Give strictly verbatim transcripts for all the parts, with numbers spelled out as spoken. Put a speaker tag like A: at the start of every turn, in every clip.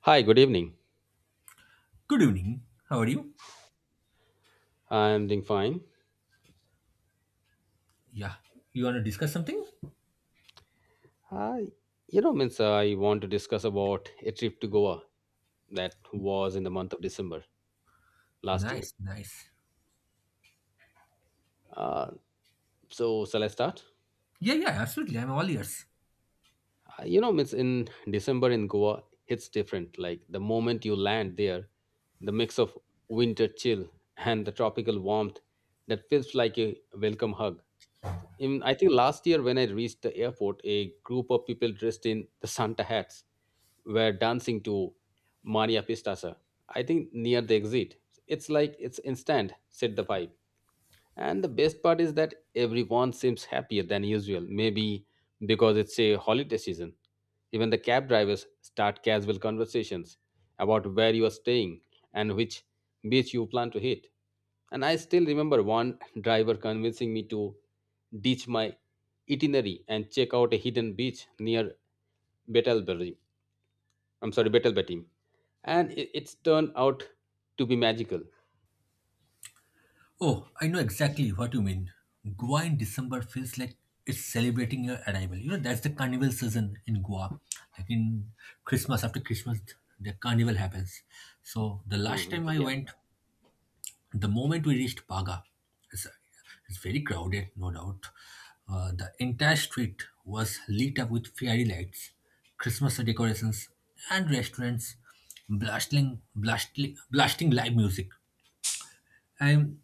A: Hi, good evening.
B: Good evening. How are you?
A: I'm doing fine.
B: Yeah. You want to discuss something?
A: Hi. You know, means uh, I want to discuss about a trip to Goa that was in the month of December last year.
B: Nice, nice.
A: Uh, so, shall I start?
B: Yeah, yeah, absolutely. I'm all ears.
A: Uh, you know, means in December in Goa, it's different. Like the moment you land there, the mix of winter chill and the tropical warmth that feels like a welcome hug. In I think last year when I reached the airport, a group of people dressed in the Santa hats were dancing to Mania Pistasa, I think near the exit. It's like it's instant, said the pipe. And the best part is that everyone seems happier than usual, maybe because it's a holiday season. Even the cab drivers start casual conversations about where you are staying and which beach you plan to hit. And I still remember one driver convincing me to ditch my itinerary and check out a hidden beach near Betelberg, I'm sorry, battle betting, and it, it's turned out to be magical.
B: Oh, I know exactly what you mean. Goa in December feels like it's celebrating your arrival. You know, that's the carnival season in Goa. Like in Christmas, after Christmas, the carnival happens. So the last
A: Hmm,
B: time I
A: yeah,
B: went, the moment we reached Paga, it's, it's very crowded, no doubt. Uh, the entire street was lit up with fairy lights, Christmas decorations, and restaurants blasting, blasting, blasting live music. And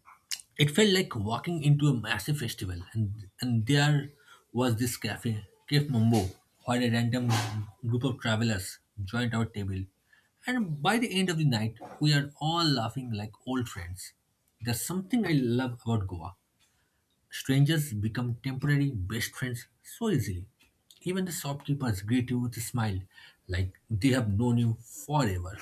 B: it felt like walking into a massive festival. And, and there was this cafe, Cafe Mumbo, where a random group of travelers joined our table. And by the end of the night, we are all laughing like old friends. There's something I love about Goa. Strangers become temporary best friends so easily. Even the shopkeepers greet you with a smile, like they have known you forever.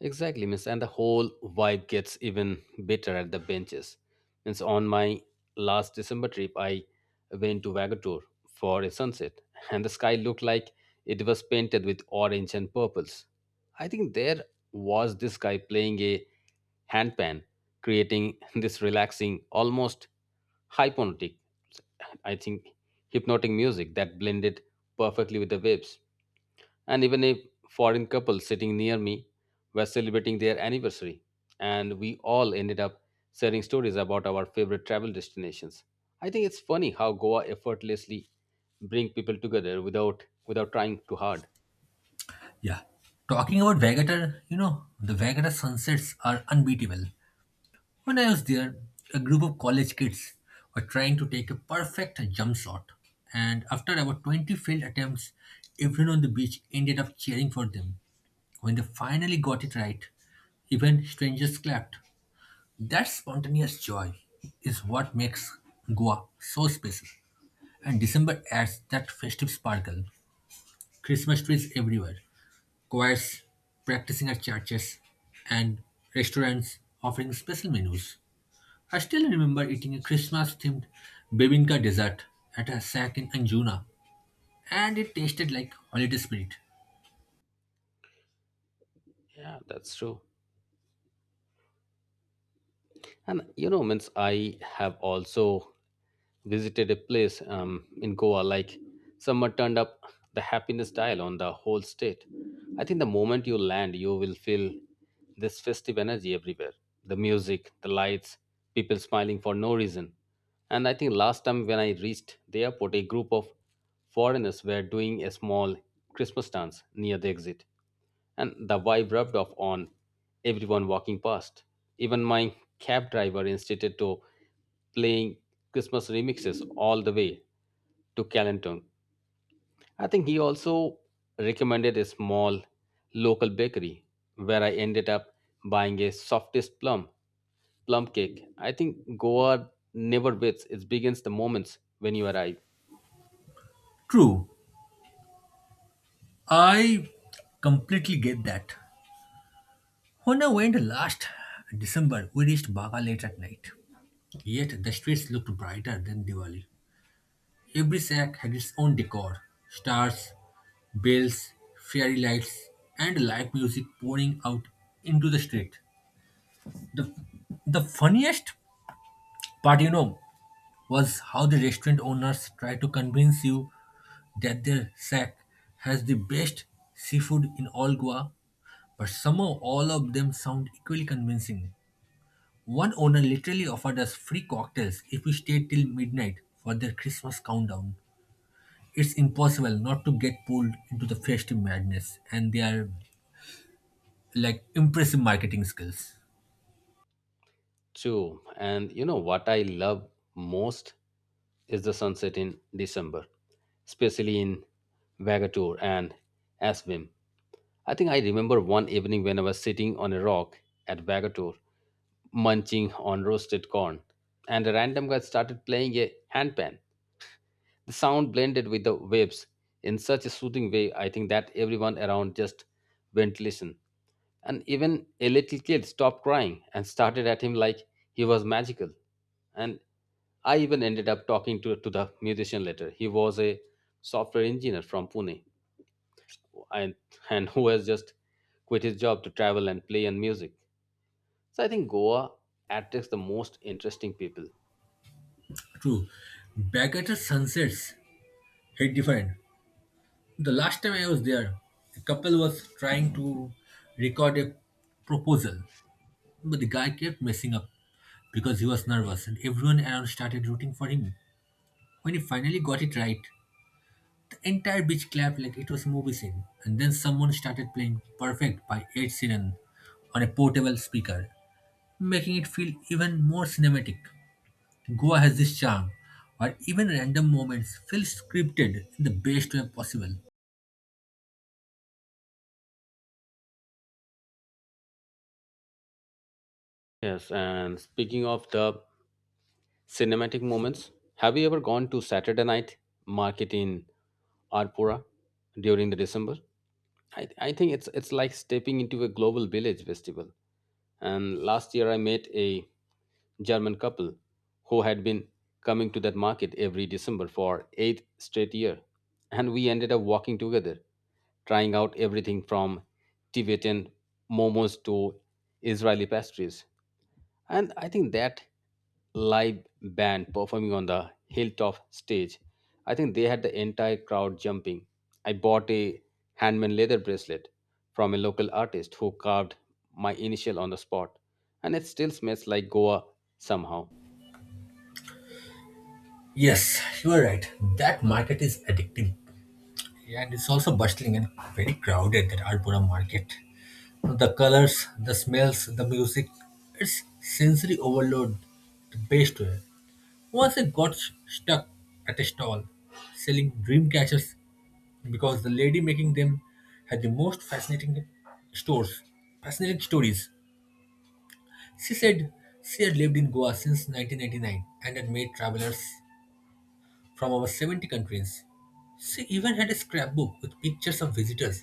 A: exactly, miss. And the whole vibe gets even better at the benches. Means on my last December trip, I went to Vagator for a sunset, and the sky looked like it was painted with orange and purples. I think there was this guy playing a handpan, creating this relaxing, almost hypnotic, I think, hypnotic music that blended perfectly with the waves. And even a foreign couple sitting near me were celebrating their anniversary, and we all ended up sharing stories about our favorite travel destinations. I think it's funny how Goa effortlessly bring people together without without trying too hard.
B: Yeah. Talking about Vagator, you know, the Vagator sunsets are unbeatable. When I was there, a group of college kids were trying to take a perfect jump shot. And after about twenty failed attempts, everyone on the beach ended up cheering for them. When they finally got it right, even strangers clapped. That spontaneous joy is what makes Goa so special. And December adds that festive sparkle. Christmas trees everywhere, choirs practicing at churches, and restaurants offering special menus. I still remember eating a Christmas themed bibinka dessert at a shack in Anjuna, and it tasted like holiday spirit.
A: Yeah, that's true. And you know, means I have also visited a place um, in Goa. Like summer turned up the happiness dial on the whole state. I think the moment you land, you will feel this festive energy everywhere. The music, the lights, people smiling for no reason. And I think last time when I reached the airport, a group of foreigners were doing a small Christmas dance near the exit and the vibe rubbed off on everyone walking past. Even my cab driver insisted to playing Christmas remixes all the way to Calenton. I think he also recommended a small local bakery where I ended up buying a softest plum plum cake. I think Goa never waits; it begins the moments when you arrive.
B: True, I completely get that. When I went last December, we reached Baga late at night, yet the streets looked brighter than Diwali. Every shack had its own decor: stars, bells, fairy lights, and live music pouring out into the street. The, the funniest part, you know, was how the restaurant owners try to convince you that their shack has the best seafood in all Goa, but somehow all of them sound equally convincing. One owner literally offered us free cocktails if we stayed till midnight for their Christmas countdown. It's impossible not to get pulled into the festive madness and their like impressive marketing skills.
A: True. And you know what I love most is the sunset in December, especially in Vagator and Aswim. I think I remember one evening when I was sitting on a rock at Vagator, munching on roasted corn, and a random guy started playing a handpan. The sound blended with the waves in such a soothing way, I think that everyone around just went listen. And even a little kid stopped crying and started at him like he was magical, and I even ended up talking to, to the musician later. He was a software engineer from Pune, and and who has just quit his job to travel and play in music. So I think Goa attracts the most interesting people.
B: True. Backwater sunsets hit different. The last time I was there, a couple was trying to record a proposal, but the guy kept messing up because he was nervous, and everyone around started rooting for him. When he finally got it right, the entire beach clapped like it was a movie scene. And then someone started playing Perfect by Ed Sheeran on a portable speaker, making it feel even more cinematic. Goa has this charm, where even random moments feel scripted in the best way possible.
A: Yes, and speaking of the cinematic moments, have you ever gone to Saturday night market in Arpura during the December? I, I think it's it's like stepping into a global village festival. And last year I met a German couple who had been coming to that market every December for eighth straight year, and we ended up walking together, trying out everything from Tibetan momos to Israeli pastries. And I think that live band performing on the hilltop stage, I think they had the entire crowd jumping. I bought a handmade leather bracelet from a local artist who carved my initial on the spot, and it still smells like Goa somehow.
B: Yes, you are right. That market is addictive. And it's also bustling and very crowded, that Alpura market. The colors, the smells, the music, it's sensory overload the best way. Once I got stuck at a stall selling dream catchers because the lady making them had the most fascinating stores, fascinating stories. She said she had lived in Goa since nineteen ninety-nine and had made travelers from over seventy countries. She even had a scrapbook with pictures of visitors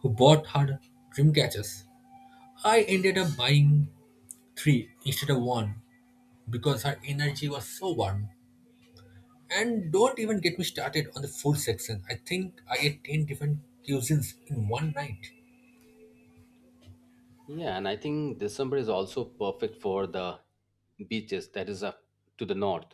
B: who bought her dream catchers. I ended up buying three instead of one because her energy was so warm. And don't even get me started on the food section. I think I ate ten different cuisines in one night.
A: Yeah, and I think December is also perfect for the beaches that is up to the north,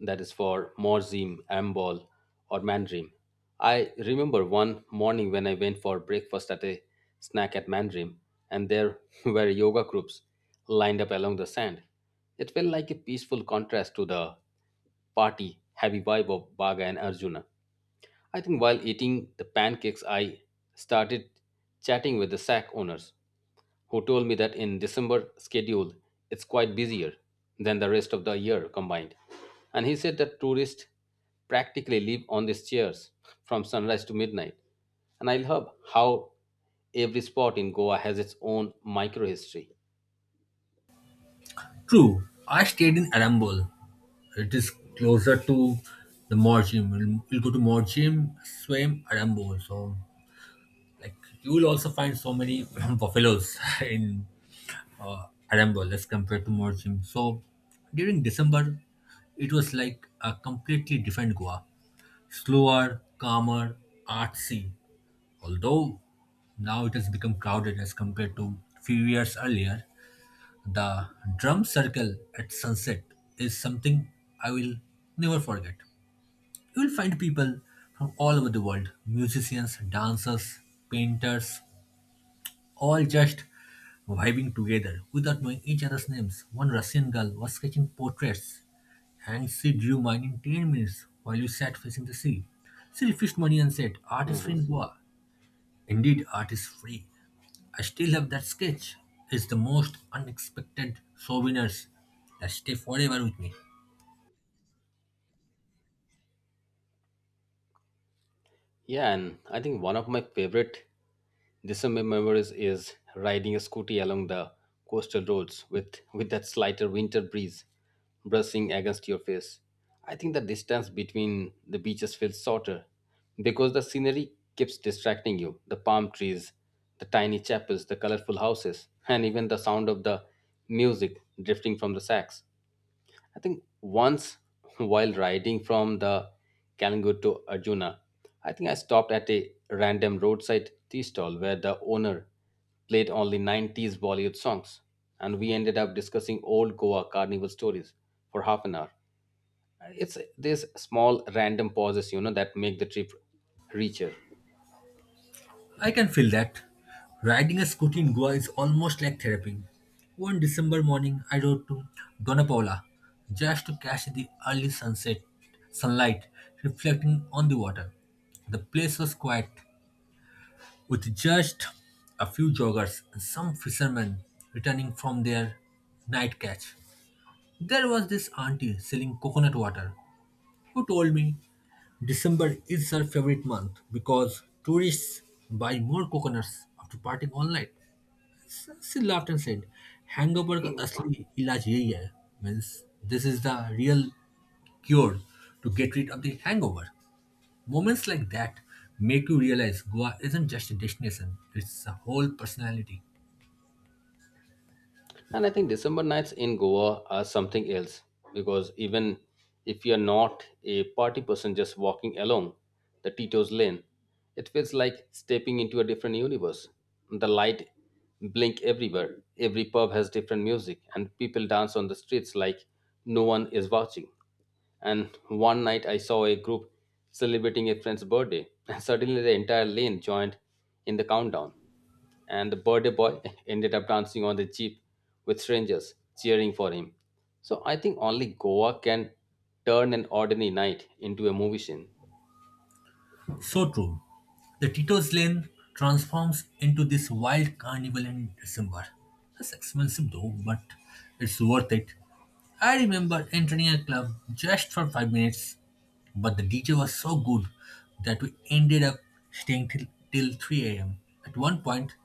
A: that is for Morzim, Ambol, or Mandrim. I remember one morning when I went for breakfast at a snack at Mandrim, and there were yoga groups lined up along the sand. It felt like a peaceful contrast to the party heavy vibe of Baga and Arjuna. I think while eating the pancakes, I started chatting with the sack owners who told me that in December schedule it's quite busier than the rest of the year combined. And he said that tourists practically live on these chairs from sunrise to midnight. And I love how every spot in Goa has its own micro history.
B: True, I stayed in Arambol. It is closer to the Morjim. We'll, we'll go to Morjim, swim Arambol. So, like, you will also find so many buffaloes in uh, Arambol as compared to Morjim. So, during December, it was like a completely different Goa. Slower, calmer, artsy. Although now it has become crowded as compared to few years earlier, the drum circle at sunset is something I will never forget. You will find people from all over the world: musicians, dancers, painters, all just vibing together without knowing each other's names. One Russian girl was sketching portraits and she drew mine in ten minutes while we sat facing the sea. She refused money and said, "Art is free
A: Mhm.
B: in Goa." Indeed, art is free. I still have that sketch. It's the most unexpected souvenirs that stay forever with me.
A: Yeah, and I think one of my favorite December memories is riding a scooty along the coastal roads with, with that slighter winter breeze brushing against your face. I think the distance between the beaches feels shorter because the scenery keeps distracting you. The palm trees, the tiny chapels, the colorful houses, and even the sound of the music drifting from the sacks. I think once while riding from the Kalingur to Arjuna, I think I stopped at a random roadside tea stall where the owner played only nineties Bollywood songs. And we ended up discussing old Goa carnival stories for half an hour. It's these small random pauses, you know, that make the trip richer.
B: I can feel that. Riding a scooter in Goa is almost like therapy. One December morning, I rode to Donapaula just to catch the early sunset sunlight reflecting on the water. The place was quiet, with just a few joggers and some fishermen returning from their night catch. There was this auntie selling coconut water who told me December is her favorite month because tourists buy more coconuts after partying all night. S- She laughed and said, "Hangover ka asli ilaj yahi hai." Means this is the real cure to get rid of the hangover. Moments like that make you realize Goa isn't just a destination, it's a whole personality.
A: And I think December nights in Goa are something else because even if you're not a party person just walking along the Tito's lane, it feels like stepping into a different universe. The light blink everywhere. Every pub has different music and people dance on the streets like no one is watching. And one night I saw a group celebrating a friend's birthday and suddenly the entire lane joined in the countdown and the birthday boy ended up dancing on the jeep with strangers cheering for him. So I think only Goa can turn an ordinary night into a movie scene.
B: So true. The Tito's Lane transforms into this wild carnival in December. That's expensive though, but it's worth it. I remember entering a club just for five minutes, but the D J was so good that we ended up staying till, till three a m. At one point,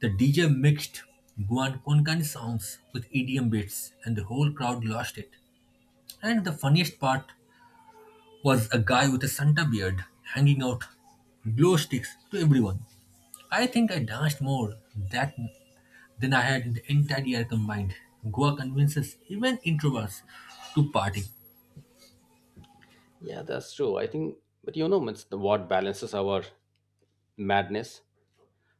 B: the D J mixed Goan Konkani songs with E D M beats, and the whole crowd lost it. And the funniest part was a guy with a Santa beard hanging out glow sticks to everyone. I think I danced more that than I had in the entire year combined. Goa convinces even introverts to party.
A: Yeah, that's true. I think, but you know, it's the- what balances our madness?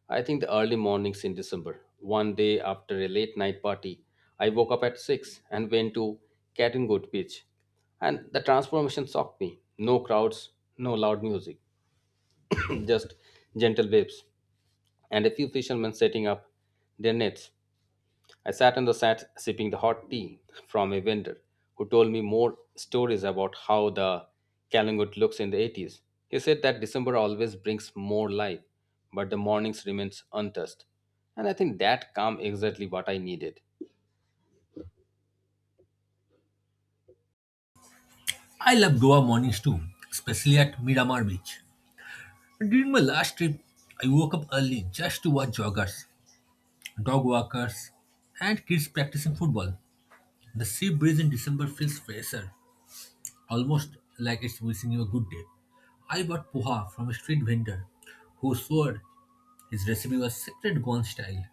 A: I think the early mornings in December. One day after a late night party, I woke up at six and went to Catengood Beach. And the transformation shocked me. No crowds, no loud music, just gentle waves and a few fishermen setting up their nets. I sat on the sat sipping the hot tea from a vendor who told me more stories about how the Kalangut looks in the eighties. He said that December always brings more life, but the mornings remains untouched. And I think that calm exactly what I needed.
B: I love Goa mornings too, especially at Miramar Beach. During my last trip, I woke up early just to watch joggers, dog walkers, and kids practicing football. The sea breeze in December feels fresher, almost like it's wishing you a good day. I bought poha from a street vendor who swore his recipe was secret Goan style.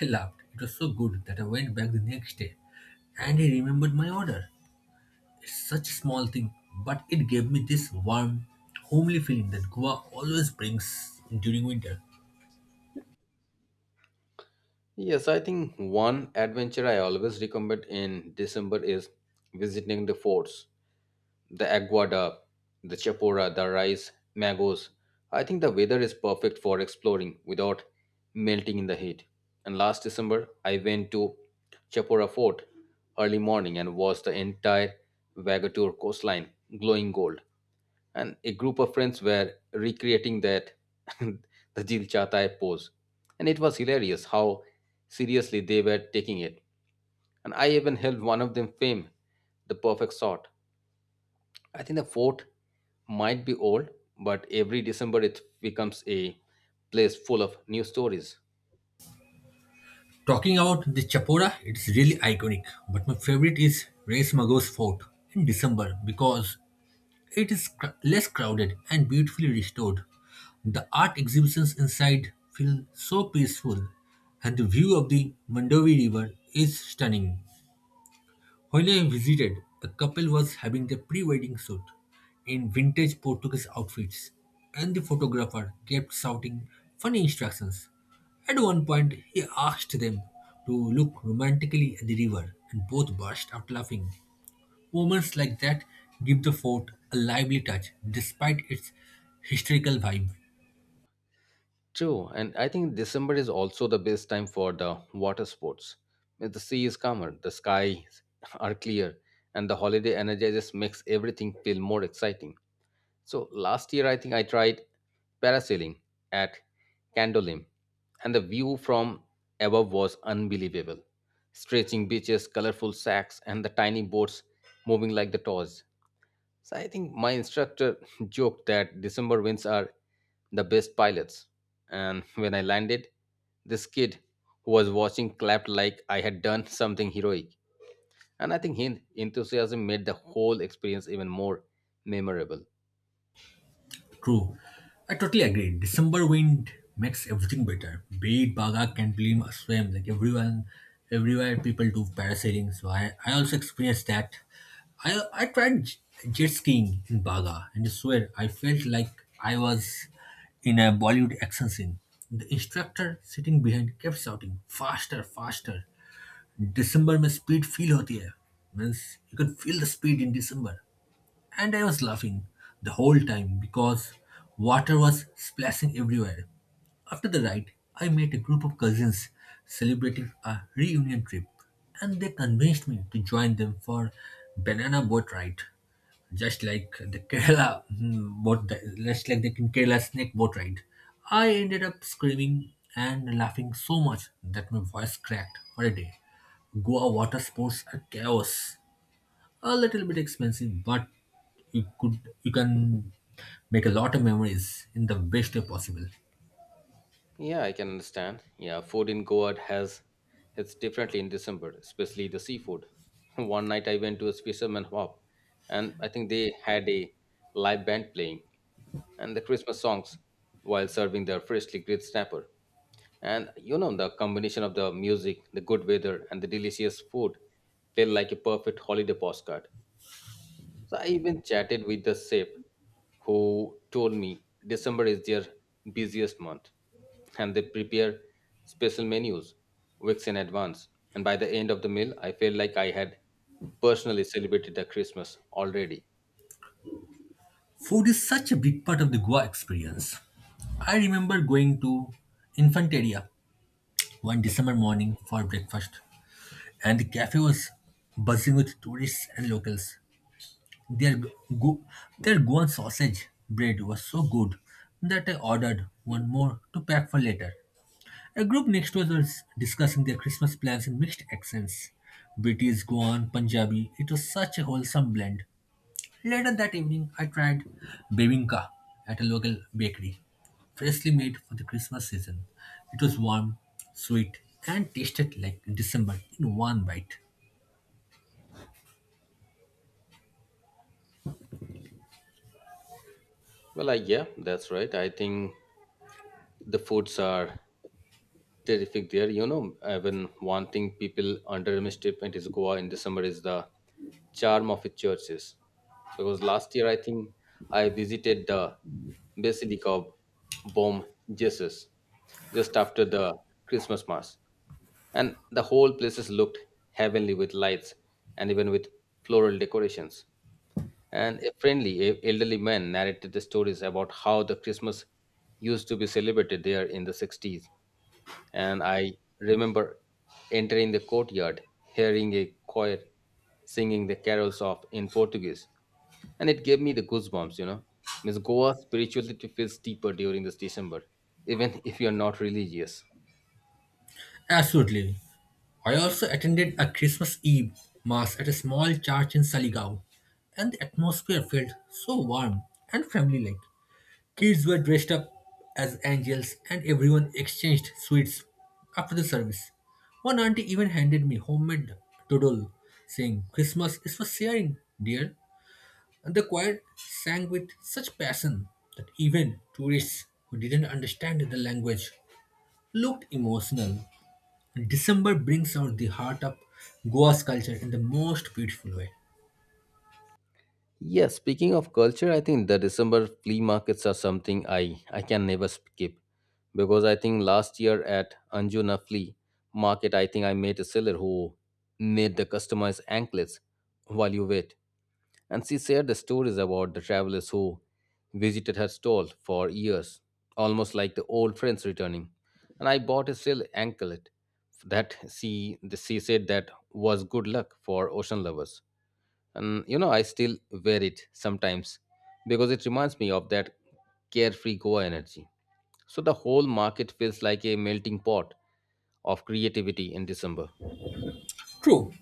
B: I laughed. It was so good that I went back the next day and he remembered my order. It's such a small thing, but it gave me this warm, homely feeling that Goa always brings during winter.
A: Yes, I think one adventure I always recommend in December is visiting the forts. The aguada, the chapora, the rice, mangoes. I think the weather is perfect for exploring without melting in the heat. And last December, I went to Chapora Fort early morning and watched the entire Vagator coastline glowing gold. And a group of friends were recreating that the Dil Chata Hai pose. And it was hilarious how seriously they were taking it. And I even helped one of them frame the perfect shot. I think the fort might be old, but every December it becomes a place full of new stories.
B: Talking about the Chapora, it's really iconic, but my favorite is Reis Mago's fort in December because it is cr- less crowded and beautifully restored. The art exhibitions inside feel so peaceful, and the view of the Mandovi River is stunning. When I visited, a couple was having their pre wedding shoot in vintage Portuguese outfits, and the photographer kept shouting funny instructions. At one point, he asked them to look romantically at the river, and both burst out laughing. Moments like that give the fort a lively touch despite its historical vibe.
A: True, and I think December is also the best time for the water sports. When the sea is calmer, the skies are clear, and the holiday energizes makes everything feel more exciting. So last year, I think I tried parasailing at Candolim, and the view from above was unbelievable. Stretching beaches, colorful sacks, and the tiny boats moving like the toys. So I think my instructor joked that December winds are the best pilots. And when I landed, this kid who was watching clapped like I had done something heroic. And I think his enthusiasm made the whole experience even more memorable.
B: True. I totally agree. December wind makes everything better. Be it Baga can blame a swim. Like everyone everywhere people do parasailing. So I, I also experienced that. I I tried j- jet skiing in Baga and I swear I felt like I was in a Bollywood action scene. The instructor sitting behind kept shouting, "Faster, faster. December, me speed feel hoti hai." Means you can feel the speed in December. And I was laughing the whole time because water was splashing everywhere. After the ride, I met a group of cousins celebrating a reunion trip, and they convinced me to join them for banana boat ride, just like the Kerala mm, boat, just like the Kerala snake boat ride. I ended up screaming and laughing so much that my voice cracked for a day. Goa water sports are chaos, a little bit expensive, but you could you can make a lot of memories in the best way possible.
A: Yeah, I can understand. Yeah, food in Goa has hits differently in December, especially the seafood. One night I went to a fisherman hop, and I think they had a live band playing and the Christmas songs while serving their freshly grilled snapper. And you know, the combination of the music, the good weather, and the delicious food felt like a perfect holiday postcard. So I even chatted with the chef who told me December is their busiest month and they prepare special menus weeks in advance. And by the end of the meal, I felt like I had personally celebrated the Christmas already.
B: Food is such a big part of the Goa experience. I remember going to Infanteria one December morning for breakfast, and the cafe was buzzing with tourists and locals. their go their Goan sausage bread was so good that I ordered one more to pack for later. A group next to us was discussing their Christmas plans in mixed accents: British, Goan, Punjabi. It was such a wholesome blend. Later that evening, I tried bebinka at a local bakery, freshly made for the Christmas season. It was warm, sweet, and tasted like December in one bite.
A: Well, I, yeah, that's right. I think the foods are terrific there. You know, I've been wanting people underestimate is Goa in December is the charm of its churches. Because last year I think I visited the Basilica of Bom Jesus just after the Christmas Mass. And the whole places looked heavenly with lights and even with floral decorations. And a friendly e- elderly man narrated the stories about how the Christmas used to be celebrated there in the sixties, and I remember entering the courtyard, hearing a choir singing the carols of in Portuguese, and it gave me the goosebumps. You know, Miss Goa spirituality feels deeper during this December, even if you're not religious.
B: Absolutely. I also attended a Christmas Eve mass at a small church in Saligao, and the atmosphere felt so warm and family like. Kids were dressed up as angels and everyone exchanged sweets after the service. One auntie even handed me homemade todol, saying, "Christmas is for sharing, dear." And the choir sang with such passion that even tourists who didn't understand the language looked emotional. December brings out the heart of Goa's culture in the most beautiful way.
A: Yeah, speaking of culture, I think the December flea markets are something I I can never skip because I think last year at Anjuna flea market, I think I met a seller who made the customized anklets while you wait. And she shared the stories about the travelers who visited her stall for years, almost like the old friends returning. And I bought a silk anklet that she, the, she said that was good luck for ocean lovers. And you know, I still wear it sometimes because it reminds me of that carefree Goa energy. So the whole market feels like a melting pot of creativity in December.
B: True,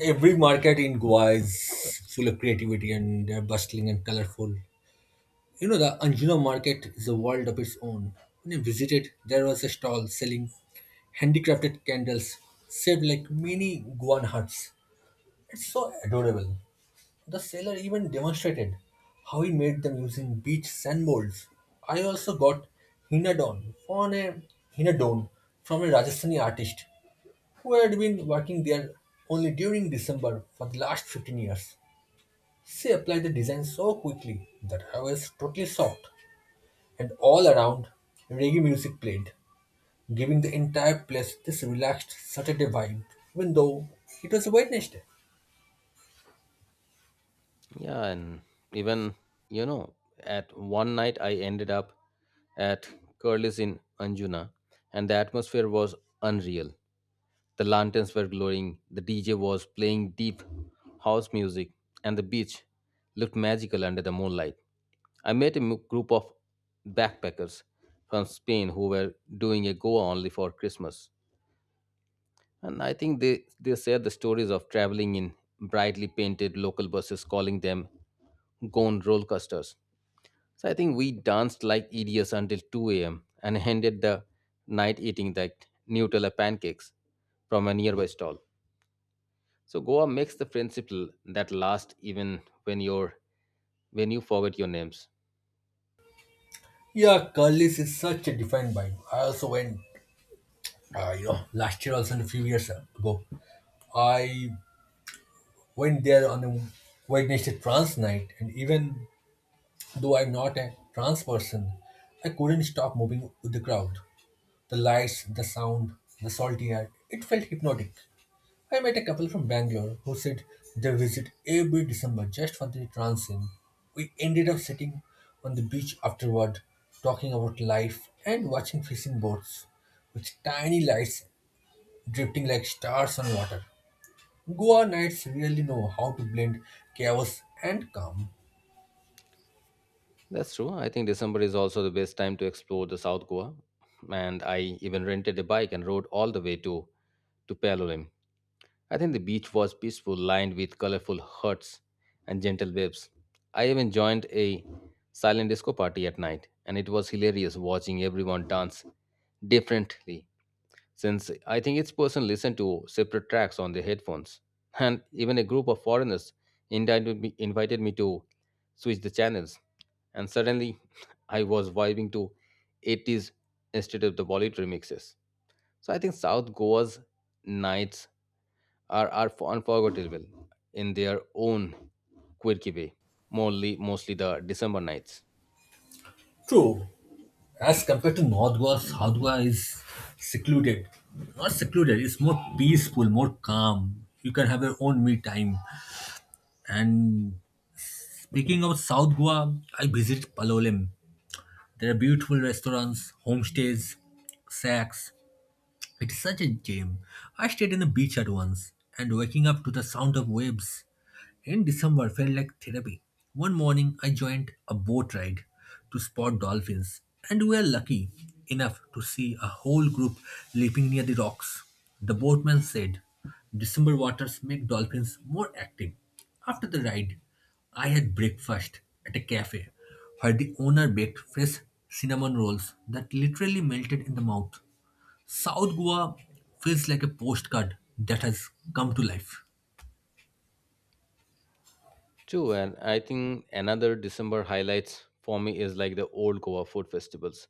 B: every market in Goa is full of creativity and they're bustling and colorful. You know, the Anjuna market is a world of its own. When I visited, there was a stall selling handicrafted candles, shaped like mini guan huts. It's so adorable. The seller even demonstrated how he made them using beach sand molds. I also got hinadon from a hinadon from a Rajasthani artist who had been working there only during December for the last fifteen years. She applied the design so quickly that I was totally shocked, and all around reggae music played, giving the entire place this relaxed Saturday vibe, even though it was a Wednesday.
A: Yeah, and even you know, at one night I ended up at Curly's in Anjuna, and the atmosphere was unreal. The lanterns were glowing, the D J was playing deep house music, and the beach looked magical under the moonlight. I met a m- group of backpackers from Spain who were doing a Goa only for Christmas. And I think they, they share the stories of traveling in brightly painted local buses, calling them gone roller coasters. So I think we danced like idiots until two a m and ended the night eating that Nutella pancakes from a nearby stall. So Goa makes the friendship l- that lasts even when you're when you forget your names.
B: Yeah, Curly's is such a different vibe. I also went, uh, you know, last year also and a few years ago. I went there on a Wednesday trance night, and even though I'm not a trance person, I couldn't stop moving with the crowd. The lights, the sound, the salty air, it felt hypnotic. I met a couple from Bangalore who said they visit every December just for the transient. We ended up sitting on the beach afterward, talking about life and watching fishing boats with tiny lights drifting like stars on water. Goa nights really know how to blend chaos and calm.
A: That's true. I think December is also the best time to explore the South Goa, and I even rented a bike and rode all the way to to Palolem. I think the beach was peaceful, lined with colorful huts and gentle waves. I even joined a silent disco party at night, and it was hilarious watching everyone dance differently, since I think each person listened to separate tracks on their headphones. And even a group of foreigners invited me, invited me to switch the channels, and suddenly I was vibing to eighties instead of the Bollywood remixes. So I think South Goa's nights are, are unforgettable in their own quirky way, mostly, mostly the December nights.
B: True, as compared to North Goa, South Goa is secluded. Not secluded, it's more peaceful, more calm. You can have your own me time and speaking of South Goa, I visited Palolem. There are beautiful restaurants, homestays, shacks, it's such a gem. I stayed on a beach at once, and waking up to the sound of waves in December felt like therapy. One morning, I joined a boat ride to spot dolphins, and we were lucky enough to see a whole group leaping near the rocks. The boatman said, December waters make dolphins more active. After the ride, I had breakfast at a cafe where the owner baked fresh cinnamon rolls that literally melted in the mouth. South Goa feels like a postcard that has come to life.
A: True, and I think another December highlights for me is like the old Goa food festivals.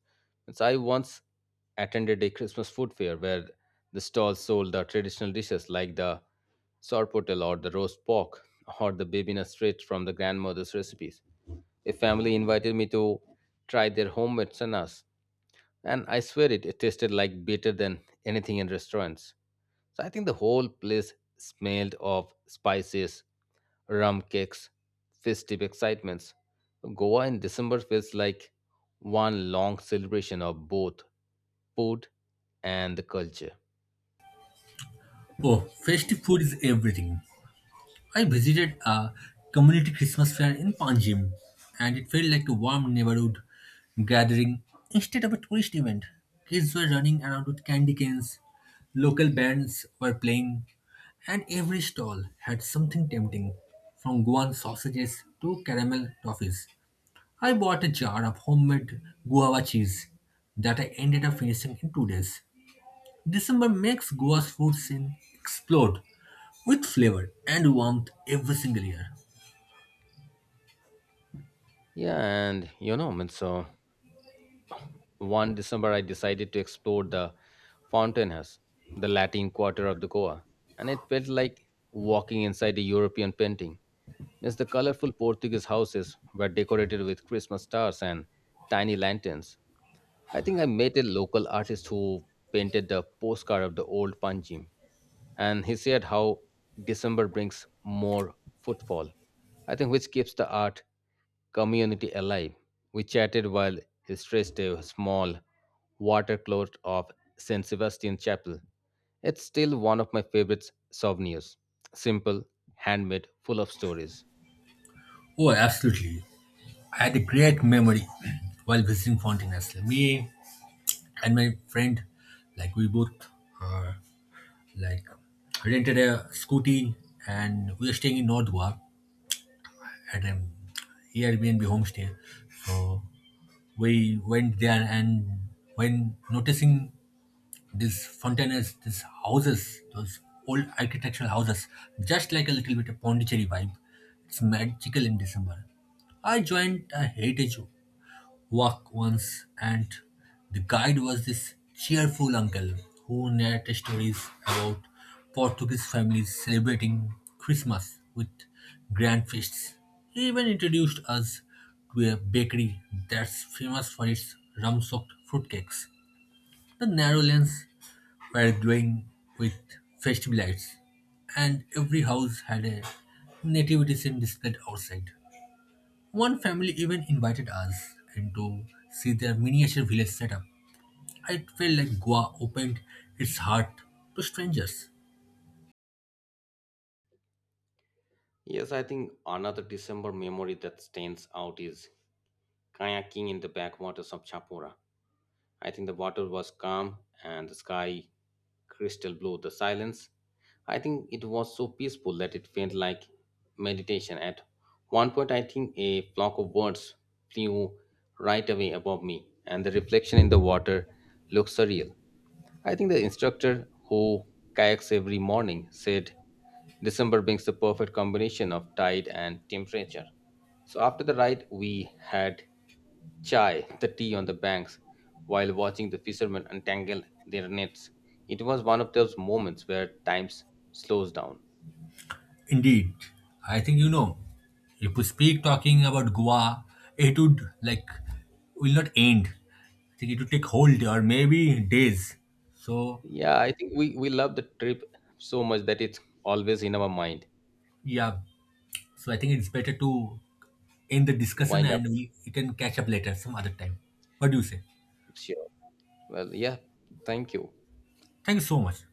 A: Means I once attended a Christmas food fair where the stalls sold the traditional dishes like the sorpotel or the roast pork or the bibina straight from the grandmother's recipes. A family invited me to try their homemade sannas, and I swear it, it tasted like better than anything in restaurants. So I think the whole place smelled of spices, rum cakes, festive excitements. Goa in December feels like one long celebration of both food and the culture.
B: Oh, festive food is everything. I visited a community Christmas fair in Panjim, and it felt like a warm neighborhood gathering instead of a tourist event. Kids were running around with candy canes, local bands were playing, and every stall had something tempting from Goan sausages to caramel toffees. I bought a jar of homemade guava cheese that I ended up finishing in two days. December makes Goa's food scene explode with flavor and warmth every single year.
A: Yeah, and you know, I mean, so one December I decided to explore the Fountain House, the Latin quarter of the Goa, and it felt like walking inside a European painting as the colorful Portuguese houses were decorated with Christmas stars and tiny lanterns. I think I met a local artist who painted the postcard of the old Panjim, and he said how December brings more footfall. I think which keeps the art community alive. We chatted while he stretched a small watercloth of Saint Sebastian Chapel. It's still one of my favorite souvenirs. Simple, handmade, full of stories.
B: Oh, absolutely. I had a great memory while visiting Fontaines. Me and my friend, like we both uh, like rented a scooty and we were staying in North Goa at an Airbnb homestay. So we went there, and when noticing this fountains, these houses, those old architectural houses, just like a little bit of Pondicherry vibe, it's magical in December. I joined a heritage walk once, and the guide was this cheerful uncle who narrated stories about Portuguese families celebrating Christmas with grand feasts. He even introduced us to a bakery that's famous for its rum soaked fruitcakes. The narrow lanes were glowing with festive lights, and every house had a nativity scene displayed outside. One family even invited us and to see their miniature village setup. I felt like Goa opened its heart to strangers.
A: Yes, I think another December memory that stands out is kayaking in the backwaters of Chapora. I think the water was calm and the sky crystal blue, the silence. I think it was so peaceful that it felt like meditation. At one point, I think a flock of birds flew right away above me, and the reflection in the water looked surreal. I think the instructor who kayaks every morning said December brings the perfect combination of tide and temperature. So after the ride, we had chai, the tea on the banks, while watching the fishermen untangle their nets. It was one of those moments where time s- slows down.
B: Indeed, I think you know, if we speak talking about Goa, it would like will not end. I think it would take whole day or maybe days. So
A: Yeah, I think we, we love the trip so much that it's always in our mind.
B: yeah, so I think it's better to end the discussion
A: Wind up,
B: and we, we can catch up later some other time. What do you say?
A: sure. Well, yeah, thank you.
B: Thank you so much.